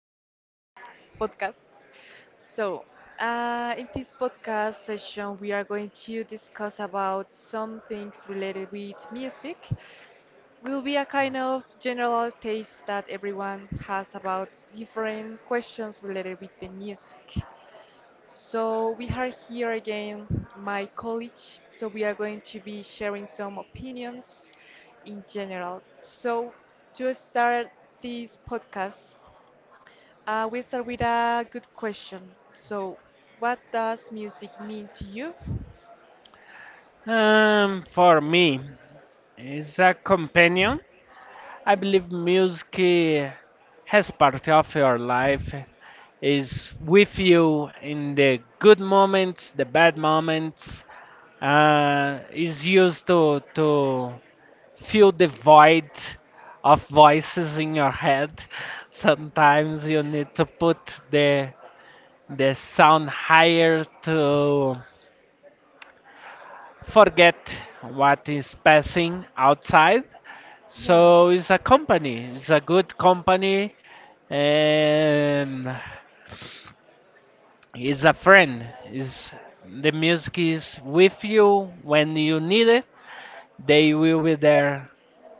of this post podcast. So, in this podcast session, we are going to discuss about some things related with music. Will be a kind of general taste that everyone has about different questions related with the music. So we are here again, my college. So we are going to be sharing some opinions in general. So to start this podcast, we start with a good question. So, what does music mean to you? For me, as a companion, I believe music has part of your life, is with you in the good moments, the bad moments, is used to fill the void of voices in your head. Sometimes you need to put the sound higher to forget what is passing outside. Yeah. So it's a company, it's a good company, and it's a friend. It's, the music is with you when you need it, they will be there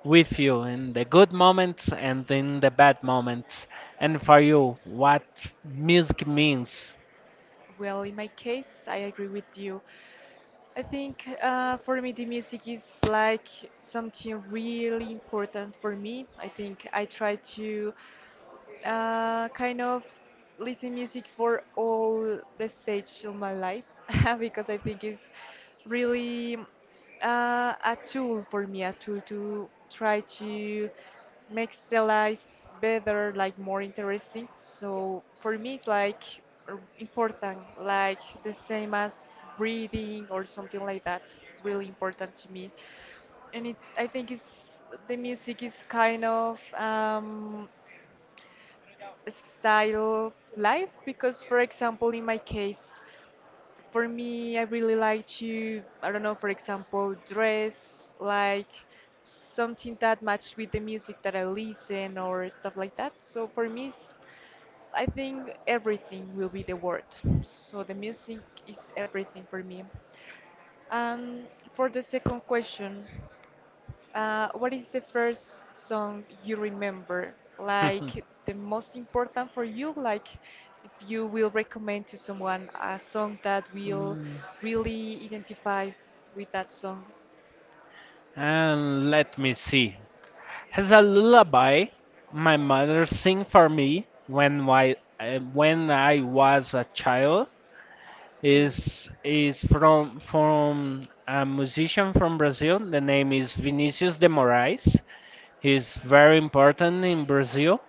with you in the good moments and in the bad moments. And for you, what music means. Well, in my case, I agree with you. I think for me, the music is like something really important for me. I think I try to kind of listen music for all the stage of my life because I think it's really a tool for me, a tool to try to make the life better, like more interesting. So for me, it's like important, like the same as breathing or something like that. It's really important to me and it I think it's the music is kind of style of life, because for example, in my case, for me, I really like to, I don't know, for example, dress like something that match with the music that I listen or stuff like that. So for me, it's, I think everything will be the word. So the music is everything for me. And for the second question, what is the first song you remember? Like the most important for you? Like if you will recommend to someone a song that will Mm, really identify with that song? and let me see. As a lullaby my mother sing for me when my when I was a child Okay. is from a musician from Brazil. The name is Vinicius de Moraes. He's very important in Brazil.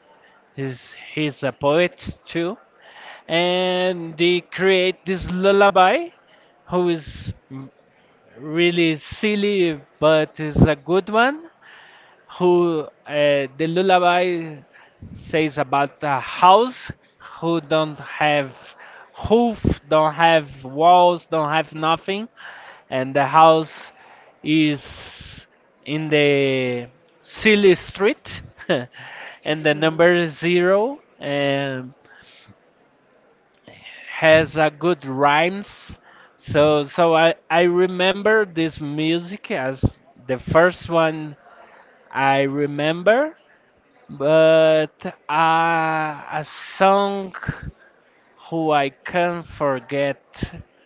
He's a poet too, and they create this lullaby, who is really silly but is a good one who the lullaby says about a house who don't have hoof, don't have walls, don't have nothing, and the house is in the silly street, and the number is Okay. zero and has a good rhymes. So so I remember this music as the first one I remember but a song who I can't forget.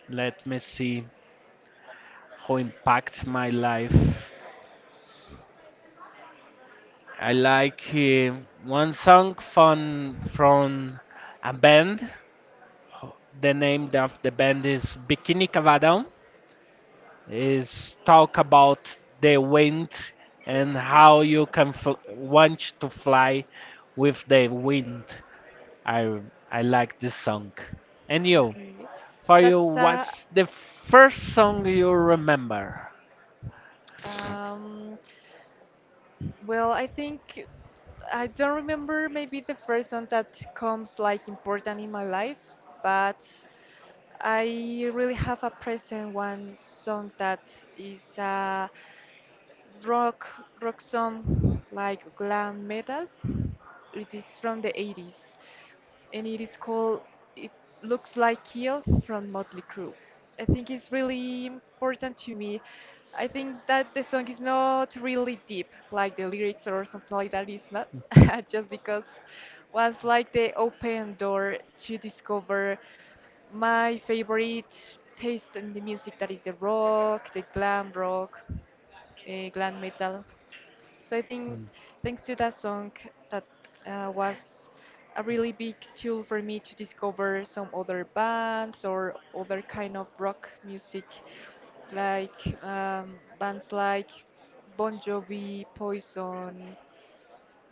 Let me see who impact my life. I like one song from a band. The name of the band is Bikini Cavadão. Is talk about the wind and how you can want to fly with the wind. I I like this song. And you? Okay. For you, That's what's the first song you remember? Um, well, I think I don't remember maybe the first one that comes like important in my life, but I really have a present one song that is a rock rock song like glam metal. It is from the 80s and it is called It Looks Like Kill from Motley Crue. I think it's really important to me. I think that the song is not really deep, like the lyrics or something like that is not, just because was like the open door to discover my favorite taste in the music, that is the rock, the glam rock, glam metal. So I think Mm. thanks to that song, that was a really big tool for me to discover some other bands or other kind of rock music, like bands like Bon Jovi, Poison,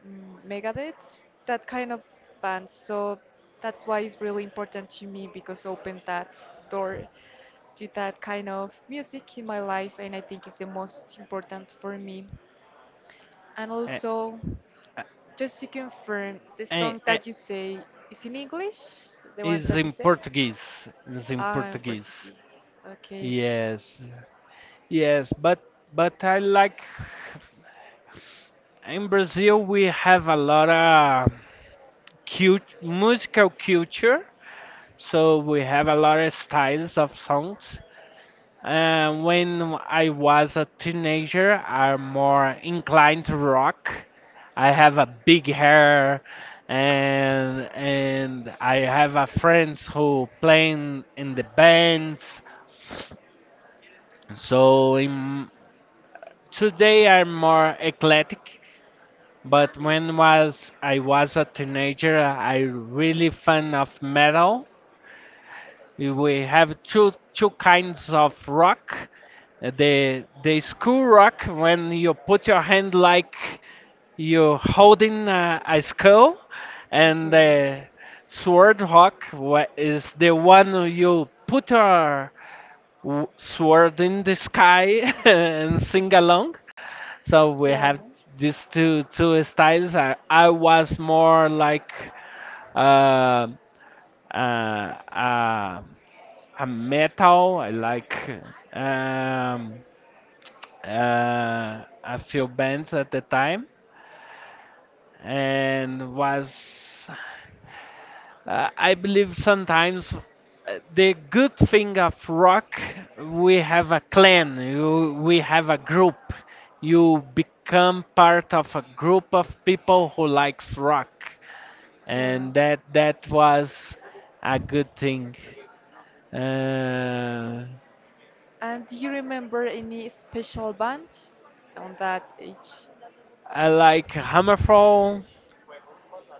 Megadeth, that kind of bands. So that's why it's really important to me, because opened that door do that kind of music in my life, and I think it's the most important for me. And Eh, also, just to confirm, the eh, song eh, that you say is in English, the one It's that you in said? Portuguese. It's in Ah, in Portuguese. Portuguese. Okay. Yes, yes, but I like in Brazil we have a lot of cute musical culture, so we have a lot of styles of songs. When I was a teenager, I'm more inclined to rock. I have a big hair, and I have a friends who playing in the bands. So in, today I'm more eclectic. But when was I was a teenager, I really fan of metal. Eh, we have two kinds of rock. The skull rock when you put your hand like you're holding a skull and Okay. the sword rock is the one where you put your sword in the sky and sing along so we Yeah, have these two styles I was more like uh, uh, uh, a metal. I like um, a few bands at the time, and was I believe sometimes the good thing of rock we have a clan, you, we have a group. You become part of a group of people who likes rock, yeah. and that was a good thing. Uh, And do you remember any special band on that age? I like Hammerfall.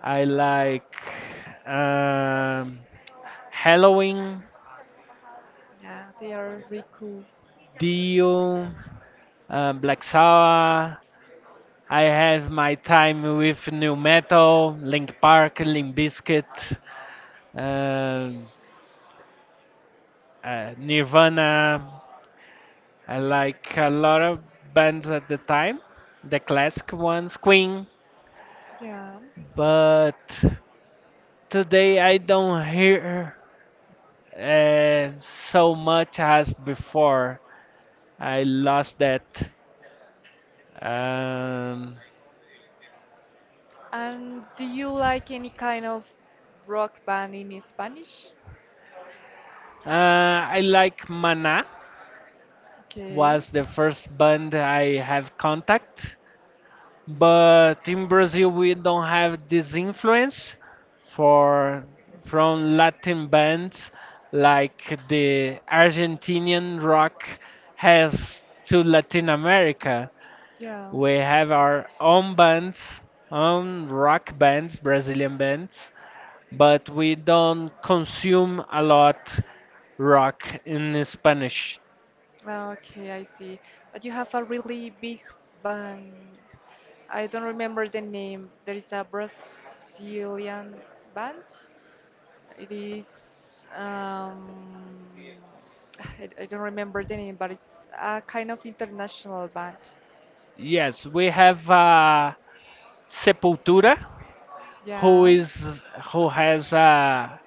I like um, Halloween, Yeah, they are really cool. Dio, Black Sabbath. I have my time with new metal, Link Park, Limp Bizkit, um, Nirvana. I like a lot of bands at the time, the classic ones, Queen. Yeah. But today I don't hear so much as before. I lost that. Um, And do you like any kind of rock band in Spanish? I like Mana. Okay. Was the first band I have contact, but in Brazil we don't have this influence for from Latin bands like the Argentinian rock has to Latin America. Yeah. We have our own bands, own rock bands, Brazilian bands, but we don't consume a lot rock in Spanish. Ah, okay, I see. But you have a really big band. I don't remember the name. There is a Brazilian band. It is um I don't remember the name, but it's a kind of international band. Yes, we have Sepultura, who Yeah. is who has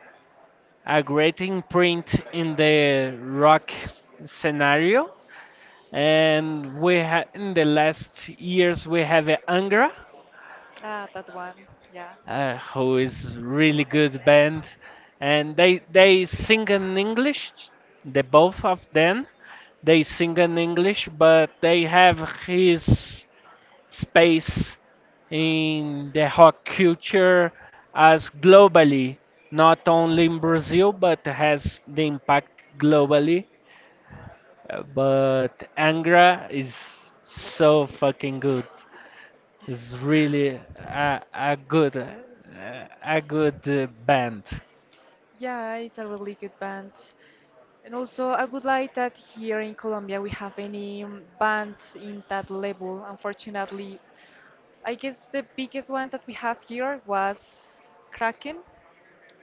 a great imprint in the rock scenario, and we ha in the last years we have Angra, Ah, that one. Yeah. Who is really good band, and they sing in English. The both of them, they sing in English, but they have his space in the rock culture as globally, not only in Brazil, but has the impact globally. But Angra is so fucking good. It's really a good band. Yeah, it's a really good band. And also, I would like that here in Colombia we have any band in that level. Unfortunately, I guess the biggest one that we have here was Kraken,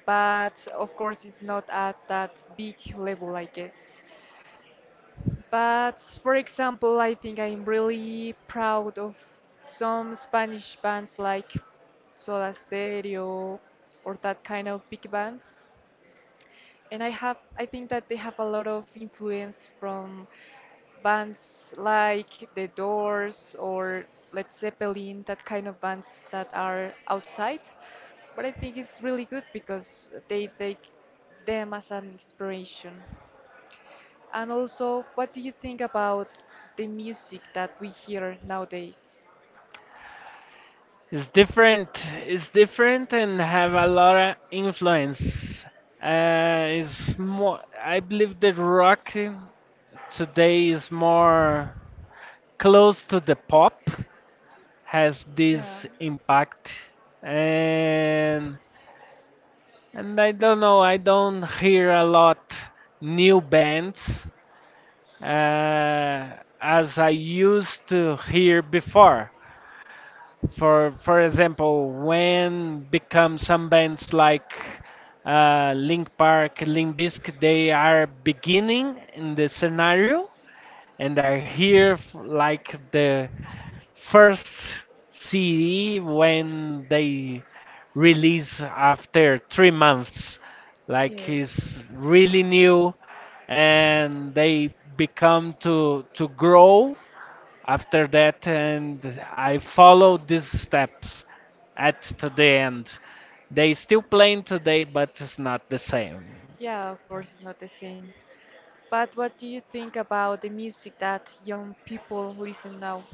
but of course it's not at that big level, I guess. But for example, I think I'm really proud of some Spanish bands like Soda Stereo or that kind of big bands. And I think that they have a lot of influence from bands like The Doors or Led Zeppelin, that kind of bands that are outside. But I think it's really good because they take them as an inspiration. And also, what do you think about the music that we hear nowadays? It's different. It's different and have a lot of influence. It's more. I believe that rock today is more close to the pop. Has Yeah. this impact and I don't know. I don't hear a lot new bands uh, as I used to hear before. For example, when become some bands like Link Park, Link Biscuit, they are beginning in the scenario and I hear like the first CD when they release after 3 months. Like it's really new, and they become to grow after that. And I follow these steps at to the end. They still playing today, but it's not the same. Yeah, of course, it's not the same. But what do you think about the music that young people listen now?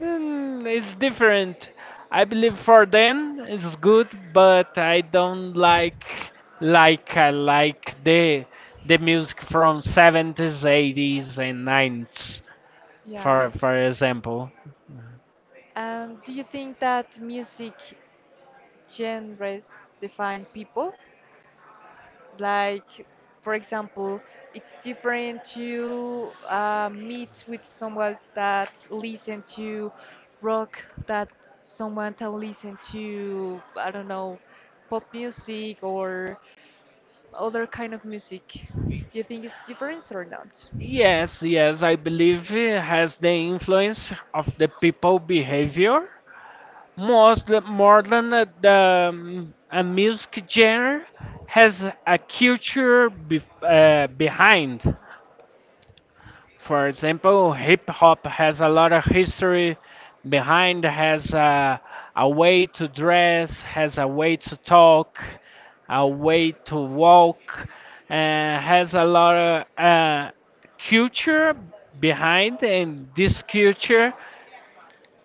Mm, it's different. I believe for them it's good, but I don't like I like the music from '70s, '80s, and '90s. Yeah, I see. For example, And do you think that music genres define people? Like, for example, it's different to meet with someone that listen to rock, that someone that listen to, I don't know, pop music or other kind of music. Do you think it's different or not? yes, yes, I believe it has the influence of the people behavior most more than the a music genre has a culture be, behind. For example, hip hop has a lot of history behind, has a way to dress, has a way to talk, a way to walk, and has a lot of culture behind, and this culture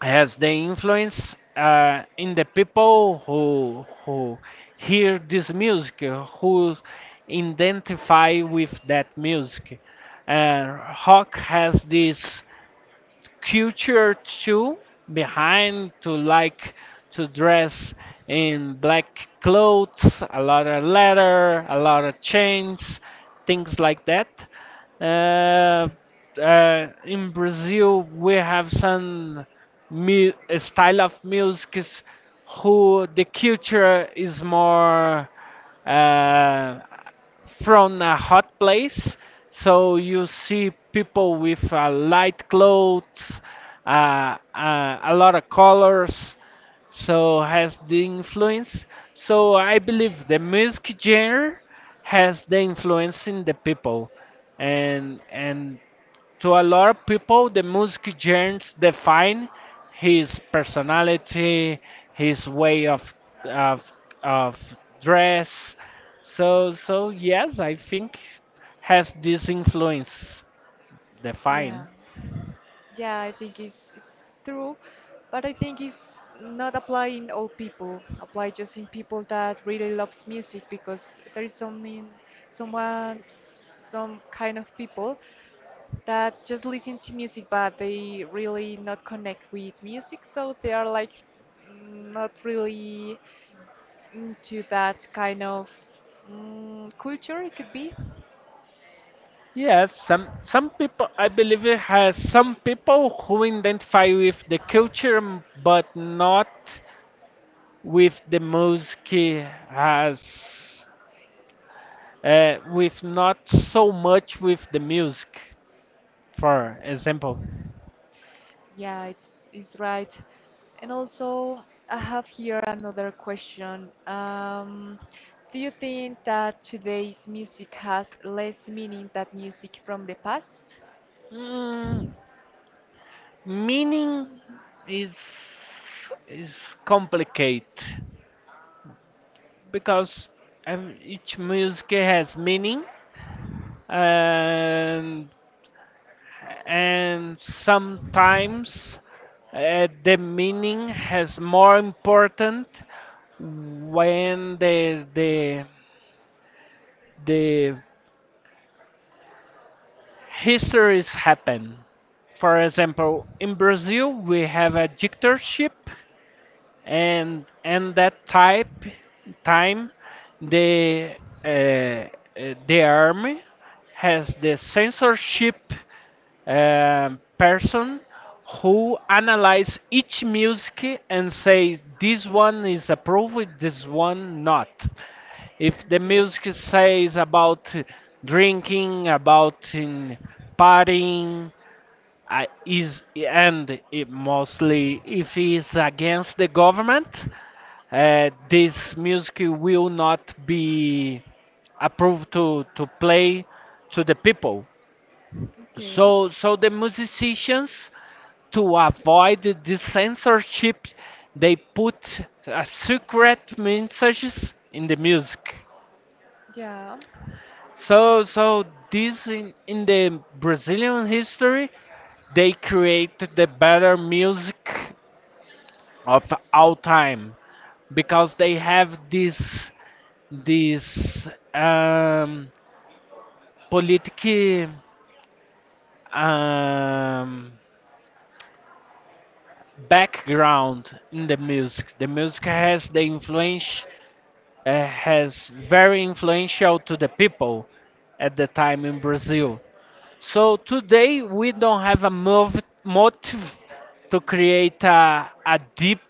has the influence in the people who hear this music, who identify with that music. Uh, rock has this culture too behind to like to dress in black clothes, a lot of leather, a lot of chains, things like that. Uh, in Brazil, we have some a style of music is who the culture is more uh, from a hot place. So you see people with light clothes, a lot of colors. So has the influence. So I believe the music genre has the influence in the people, and to a lot of people, the music genres define his personality, his way of of dress. So so yes, I think has this influence Yeah. define. Yeah, I think it's true, but I think it's not applying all people. Apply just in people that really loves music, because there is something, someone, some kind of people that just listen to music but they really not connect with music, so they are like not really into that kind of culture. It could be. Yes, some people I believe it has some people who identify with the culture but not with the music as with not so much with the music. For example, Yeah, it's right. And also, I have here another question. Do you think that today's music has less meaning than music from the past? mm, meaning is is complicated because each music has meaning and and sometimes the meaning has more important when the the histories happen. For example, in Brazil we have a dictatorship and that type time the uh, uh, the army has the censorship person who analyze each music and say this one is approved this one not if the Okay. music says about drinking about in partying I is and it mostly if it's against the government, this music will not be approved to play to the people. Okay. So so the musicians to avoid this censorship, they put secret messages in the music. Yeah. So, so this in the Brazilian history, they create the better music of all time because they have this this um, politic um, background in the music. The music has the influence has very influential to the people at the time in Brazil. So today we don't have a motive to create a deep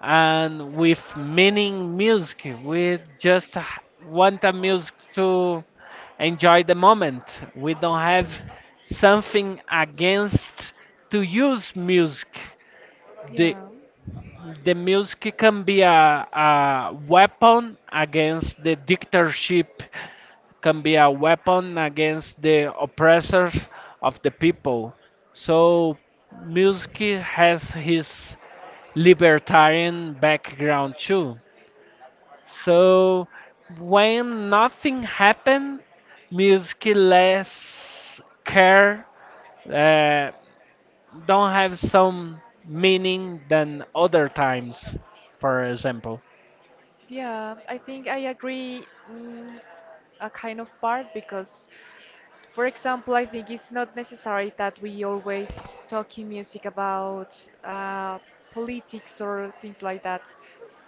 and with meaning music. We just want a music to enjoy the moment. We don't have something against to use music. The Yeah. the music can be a weapon against the dictatorship, can be a weapon against the oppressors of the people. So music has his libertarian background too. So when nothing happened, music less care. uh, don't have some meaning than other times, for example. Yeah. I think I agree mm, a kind of part, because for example, I think it's not necessary that we always talk in music about uh, politics or things like that.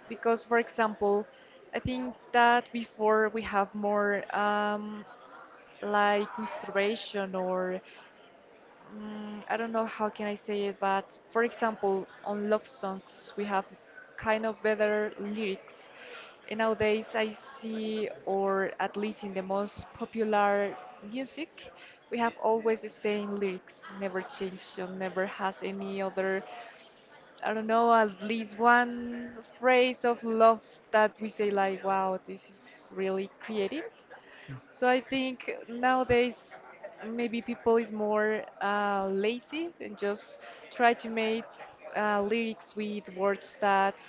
Because, for example, I think that before we have more like inspiration or I don't know how can I say it, but for example, on love songs we have kind of better lyrics. And nowadays I see, or at least in the most popular music, we have always the same lyrics, never change or never has any other, I don't know, at least one phrase of love that we say like, wow, this is really creative. So I think nowadays maybe people is more lazy and just try to make lyrics with words that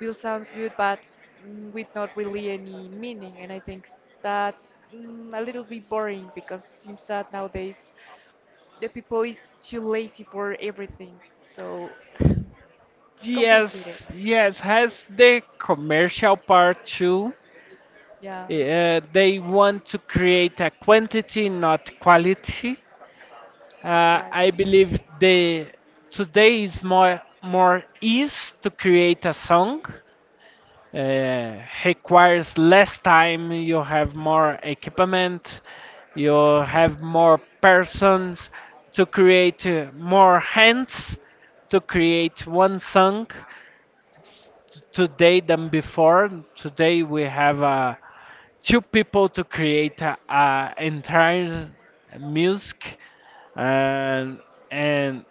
will sounds good but with not really any meaning. And I think that's a little bit boring because it seems that nowadays the people is too lazy for everything. So it's complicated. Yes, yes, has the commercial part too. Yeah, They want to create a quantity, not quality. that's right. I believe the today is more more ease to create a song requires less time you have more equipment you have more persons to create more hands to create one song today than before today we have two people to create a entire music and and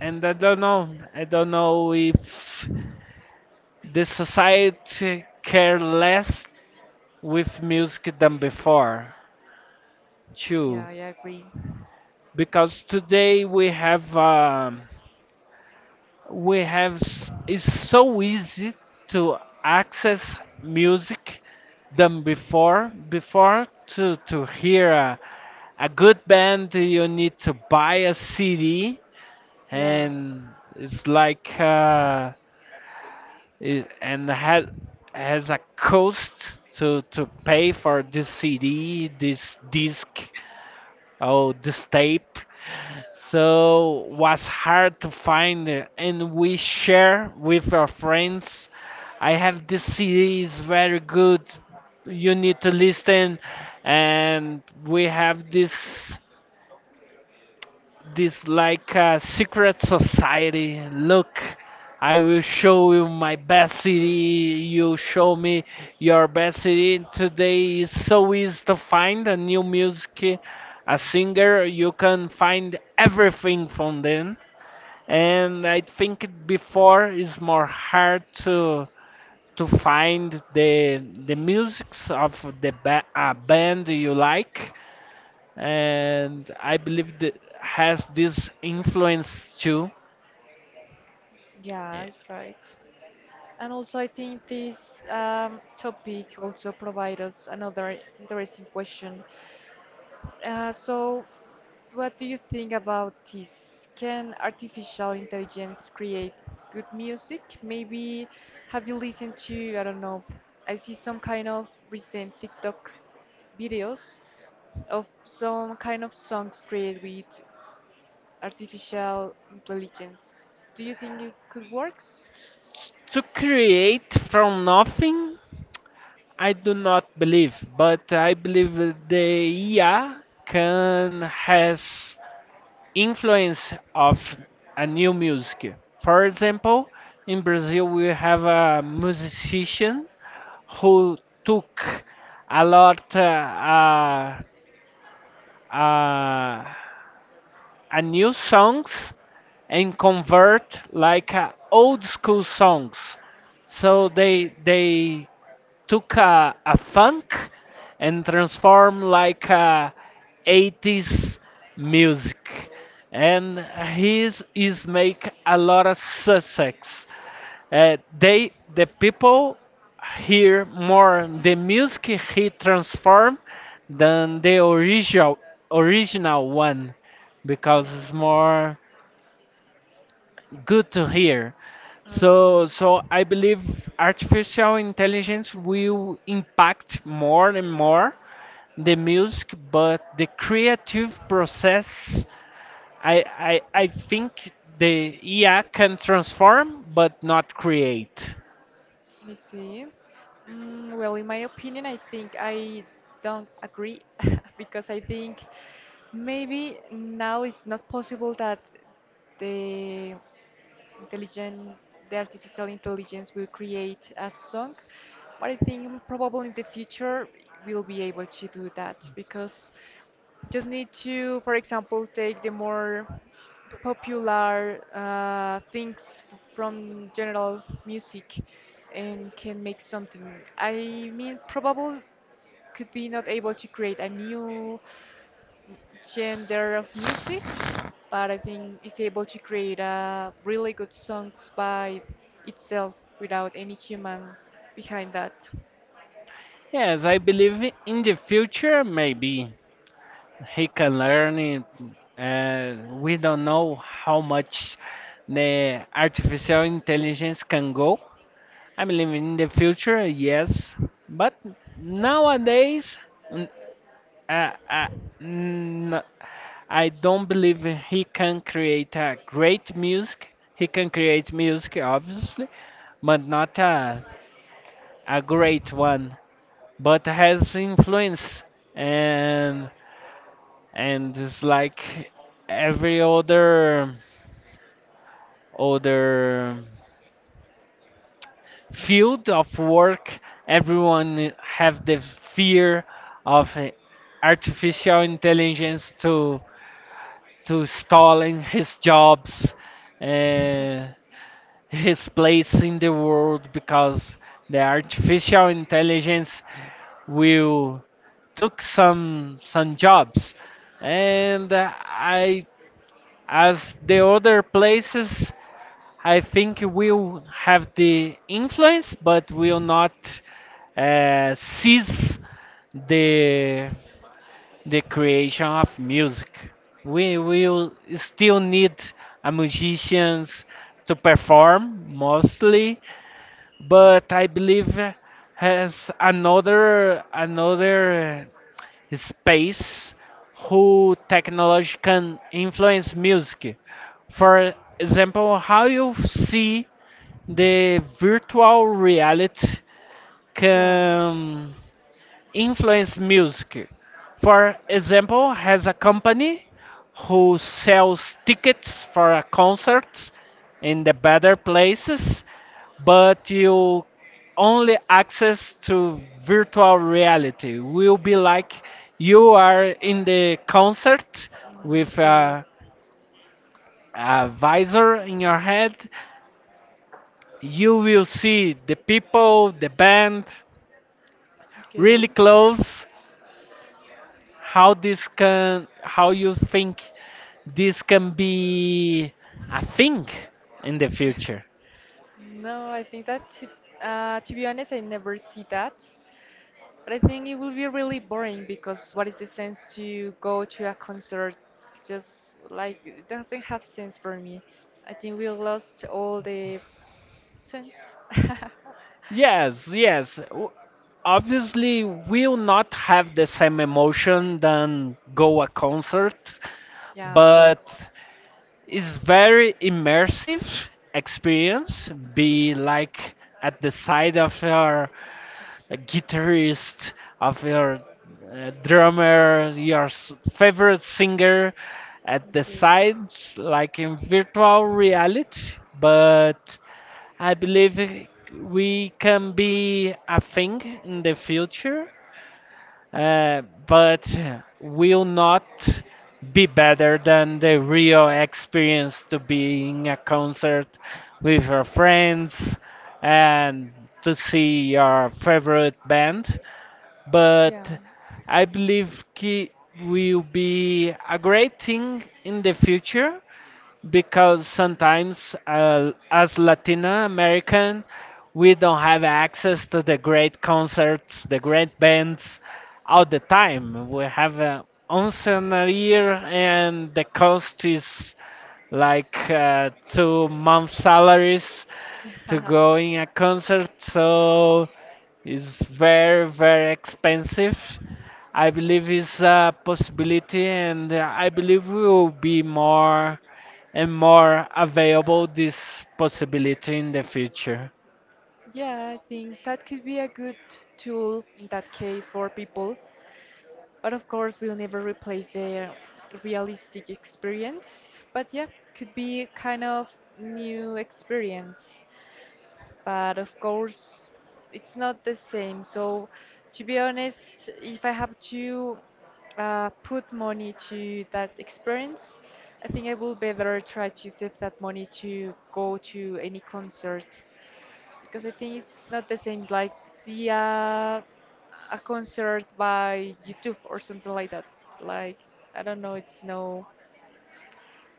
and I don't know if the society care less with music than before Yeah, too I agree. because today we have it's so easy to access music than before before to hear a good band you need to buy a cd Yeah, and it's like it, and had has a cost to pay for this cd this disc. Oh, this tape. So was hard to find it, and we share with our friends. I have this CD is very good. You need to listen, and we have this this like a secret society. Look, I will show you my best city. You show me your best city. Today is so easy to find a new music, a singer. You can find everything from them. And I think it before is more hard to find the musics of the a band you like and I believe that has this influence too. yeah, Eh, it's right. And also, I think this topic also provides us another interesting question. So, what do you think about this? Can artificial intelligence create good music? Maybe have you listened to, I don't know, I see some kind of recent TikTok videos of some kind of songs created with artificial intelligence. Do you think it could work? to create from nothing, I do not believe, but I believe the IA can has influence of a new music. For example, in Brazil we have a musician who took a lot uh, uh, a new songs and convert like old school songs so Okay. they took a funk and transformed like a 80s music and his is make a lot of success, they the people hear more the music he transformed than the original one because it's more. Good to hear. So I believe artificial intelligence will impact more and more the music, but the creative Okay. process, I think the IA can transform but not create. I see. Mm, well, in my opinion, I think I don't agree because I think maybe now it's not possible that the intelligent, the artificial intelligence will create a song. But I think probably in the future we'll be able to do that, because just need to, for example, take the more popular things from general music and can make something. I mean, probably could be not able to create a new genre of music, but I think it's able to create a really good songs by itself without any human behind that. Yes, I believe in the future maybe he can learn it. We don't know how much the artificial intelligence can go. I believe in the future, yes, but nowadays, n- uh, uh, n- I don't believe he can create a great music. He can create music, obviously, but not a, a great one. But has influence and and it's like every other field of work, everyone have the fear of artificial intelligence to stalling his jobs, uh, his place in the world because the artificial intelligence will took some jobs and I as the other places I think we'll have the influence, but will not seize the the creation of music. We will still need a musicians to perform mostly, but I believe has another space who technology can influence music. For example, how you see the virtual reality Yeah. can influence music. For example, has a company who sells tickets for a concerts in the better places, but you only access to virtual reality. Will be like you are in the concert Mm, with okay. A visor in your head. You will see the people, the band really Okay. close. How this can, how you think this can be a thing in the future? No, I think that to be honest, I never see that. But I think it will be really boring because what is the sense to go to a concert? Just like it doesn't have sense for me. I think we lost all the sense. Yes, yes. Obviously we'll not have the same emotion than go a concert, Yeah, of but course. it's very immersive experience. Be like at the side of your guitarist, of your drummer, your favorite singer, at the Okay. side, like in virtual reality. But I believe we can be a thing in the future, but will not be better than the real experience to being a concert with your friends and to see your favorite band, Yeah. but I believe Ki will be a great thing in the future because sometimes, as Latino American we don't have access to the great concerts, the great bands all the time. We have, once in a year and the cost is like, 2 month salaries to go in a concert. So it's very, very Yeah. expensive. I believe it's a possibility, and I believe we will be more and more available this possibility in the future. Yeah, I think that could be a good tool in that case for people, but of course we'll never replace the realistic experience. But yeah, could be kind of new experience, but of course it's not the same. So to be honest, if I have to put money to that experience, I think I will better try to save that money to go to any concert, because I think it's not the same. It's like see a concert by YouTube or something like that. Like I don't know, it's no,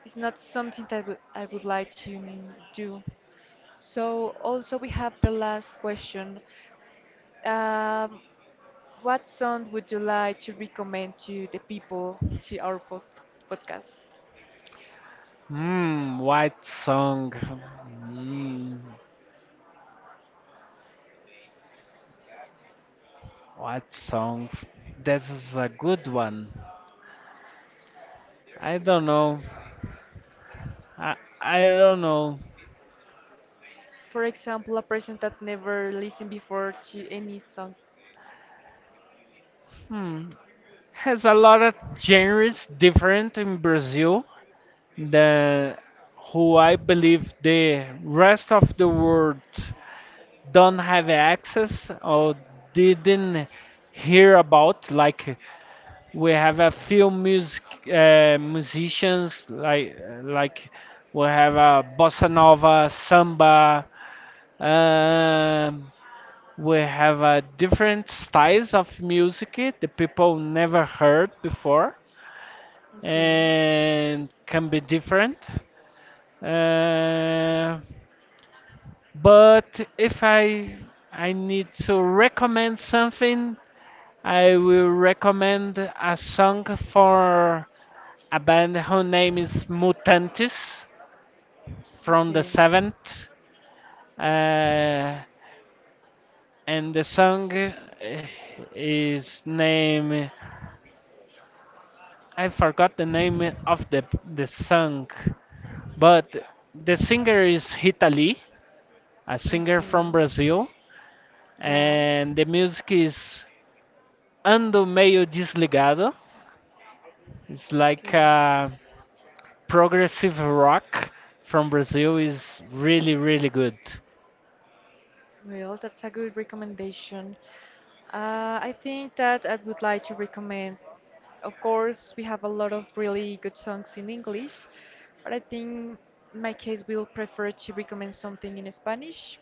it's not something that would, I would like to do. So also we have the last question. Um, what song would you like to recommend to the people to our post podcast? What song? Hmm, what song? This is a good one. I don't know. I, I don't know. For example, a person that never listened before to any song. Hmm. Has a lot of genres different in Brazil. The who I believe the rest of the world don't have access or didn't hear about. Like we have a few music musicians like like we have a bossa nova, samba. Um, we have different styles of music the people never heard before Okay, and can be different. Uh, but if I I need to recommend something, I will recommend a song for a band whose name is Mutantes from the okay, seventh, uh, and the song, is name, I forgot the name of the song, but the singer is Rita Lee, a singer okay, from Brazil, yeah, and the music is Ando Meio Desligado. It's like, okay. Progressive rock from Brazil is really really good. Well, that's a good recommendation. I think that I would like to recommend, of course, we have a lot of really good songs in English, but I think in my case we'll prefer to recommend something in Spanish.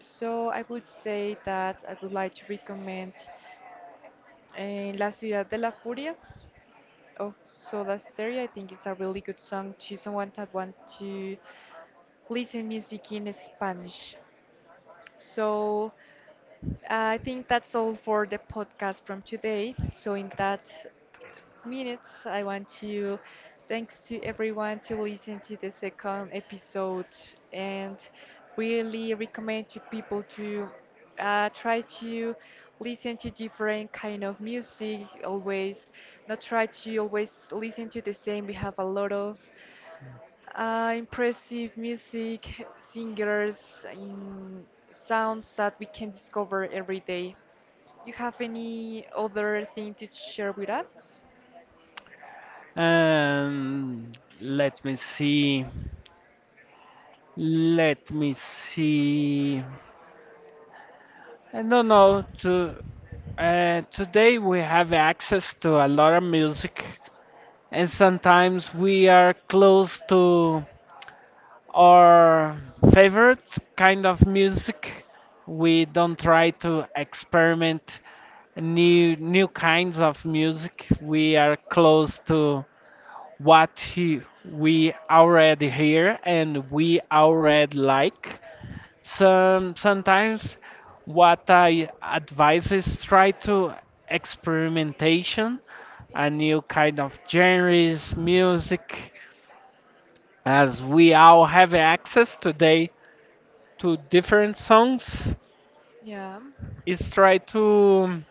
So I would say that I would like to recommend La Ciudad de la Furia of Soda Stereo. I think it's a really good song to someone that wants to listen music in Spanish. So I think that's all for the podcast from today. So in that minutes, I want to thanks to everyone to listen to the second episode and really recommend to people to try to listen to different kind of music always, not try to always listen to the same. We have a lot of impressive music, singers in sounds that we can discover every day. You have any other thing to share with us? And let me see. Let me see. I don't know. To, today we have access to a lot of music, and sometimes we are close to our favorite kind of music. We don't try to experiment new kinds of music. We are close to what he, we already hear and we already like. Sometimes what I advise is try to experimentation, a new kind of genres, music, as we all have access today to different songs, Yeah. is try to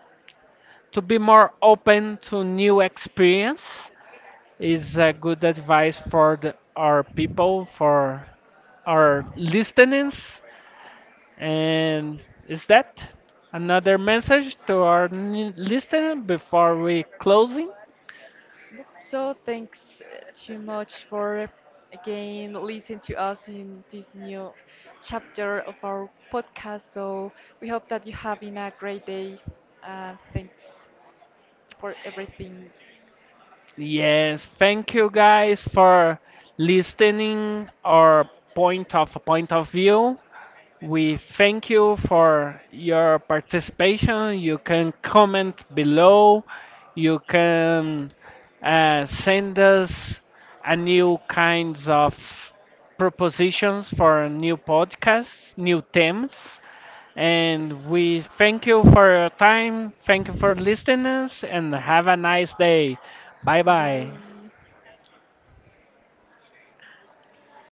be more open to new experience, is a good advice for the, our people for our listeners. And is that another message to our listener before we closing? Nope. So thanks too much for again listening to us in this new chapter of our podcast. So we hope that you're having a great day, and thanks for everything. yes, thank you guys for listening our point of view. We thank you for your participation. You can comment below. You can send us a new kinds of propositions for new podcasts, new themes. And we thank you for your time. Thank you for listening us and have a nice day. Bye bye. Bye.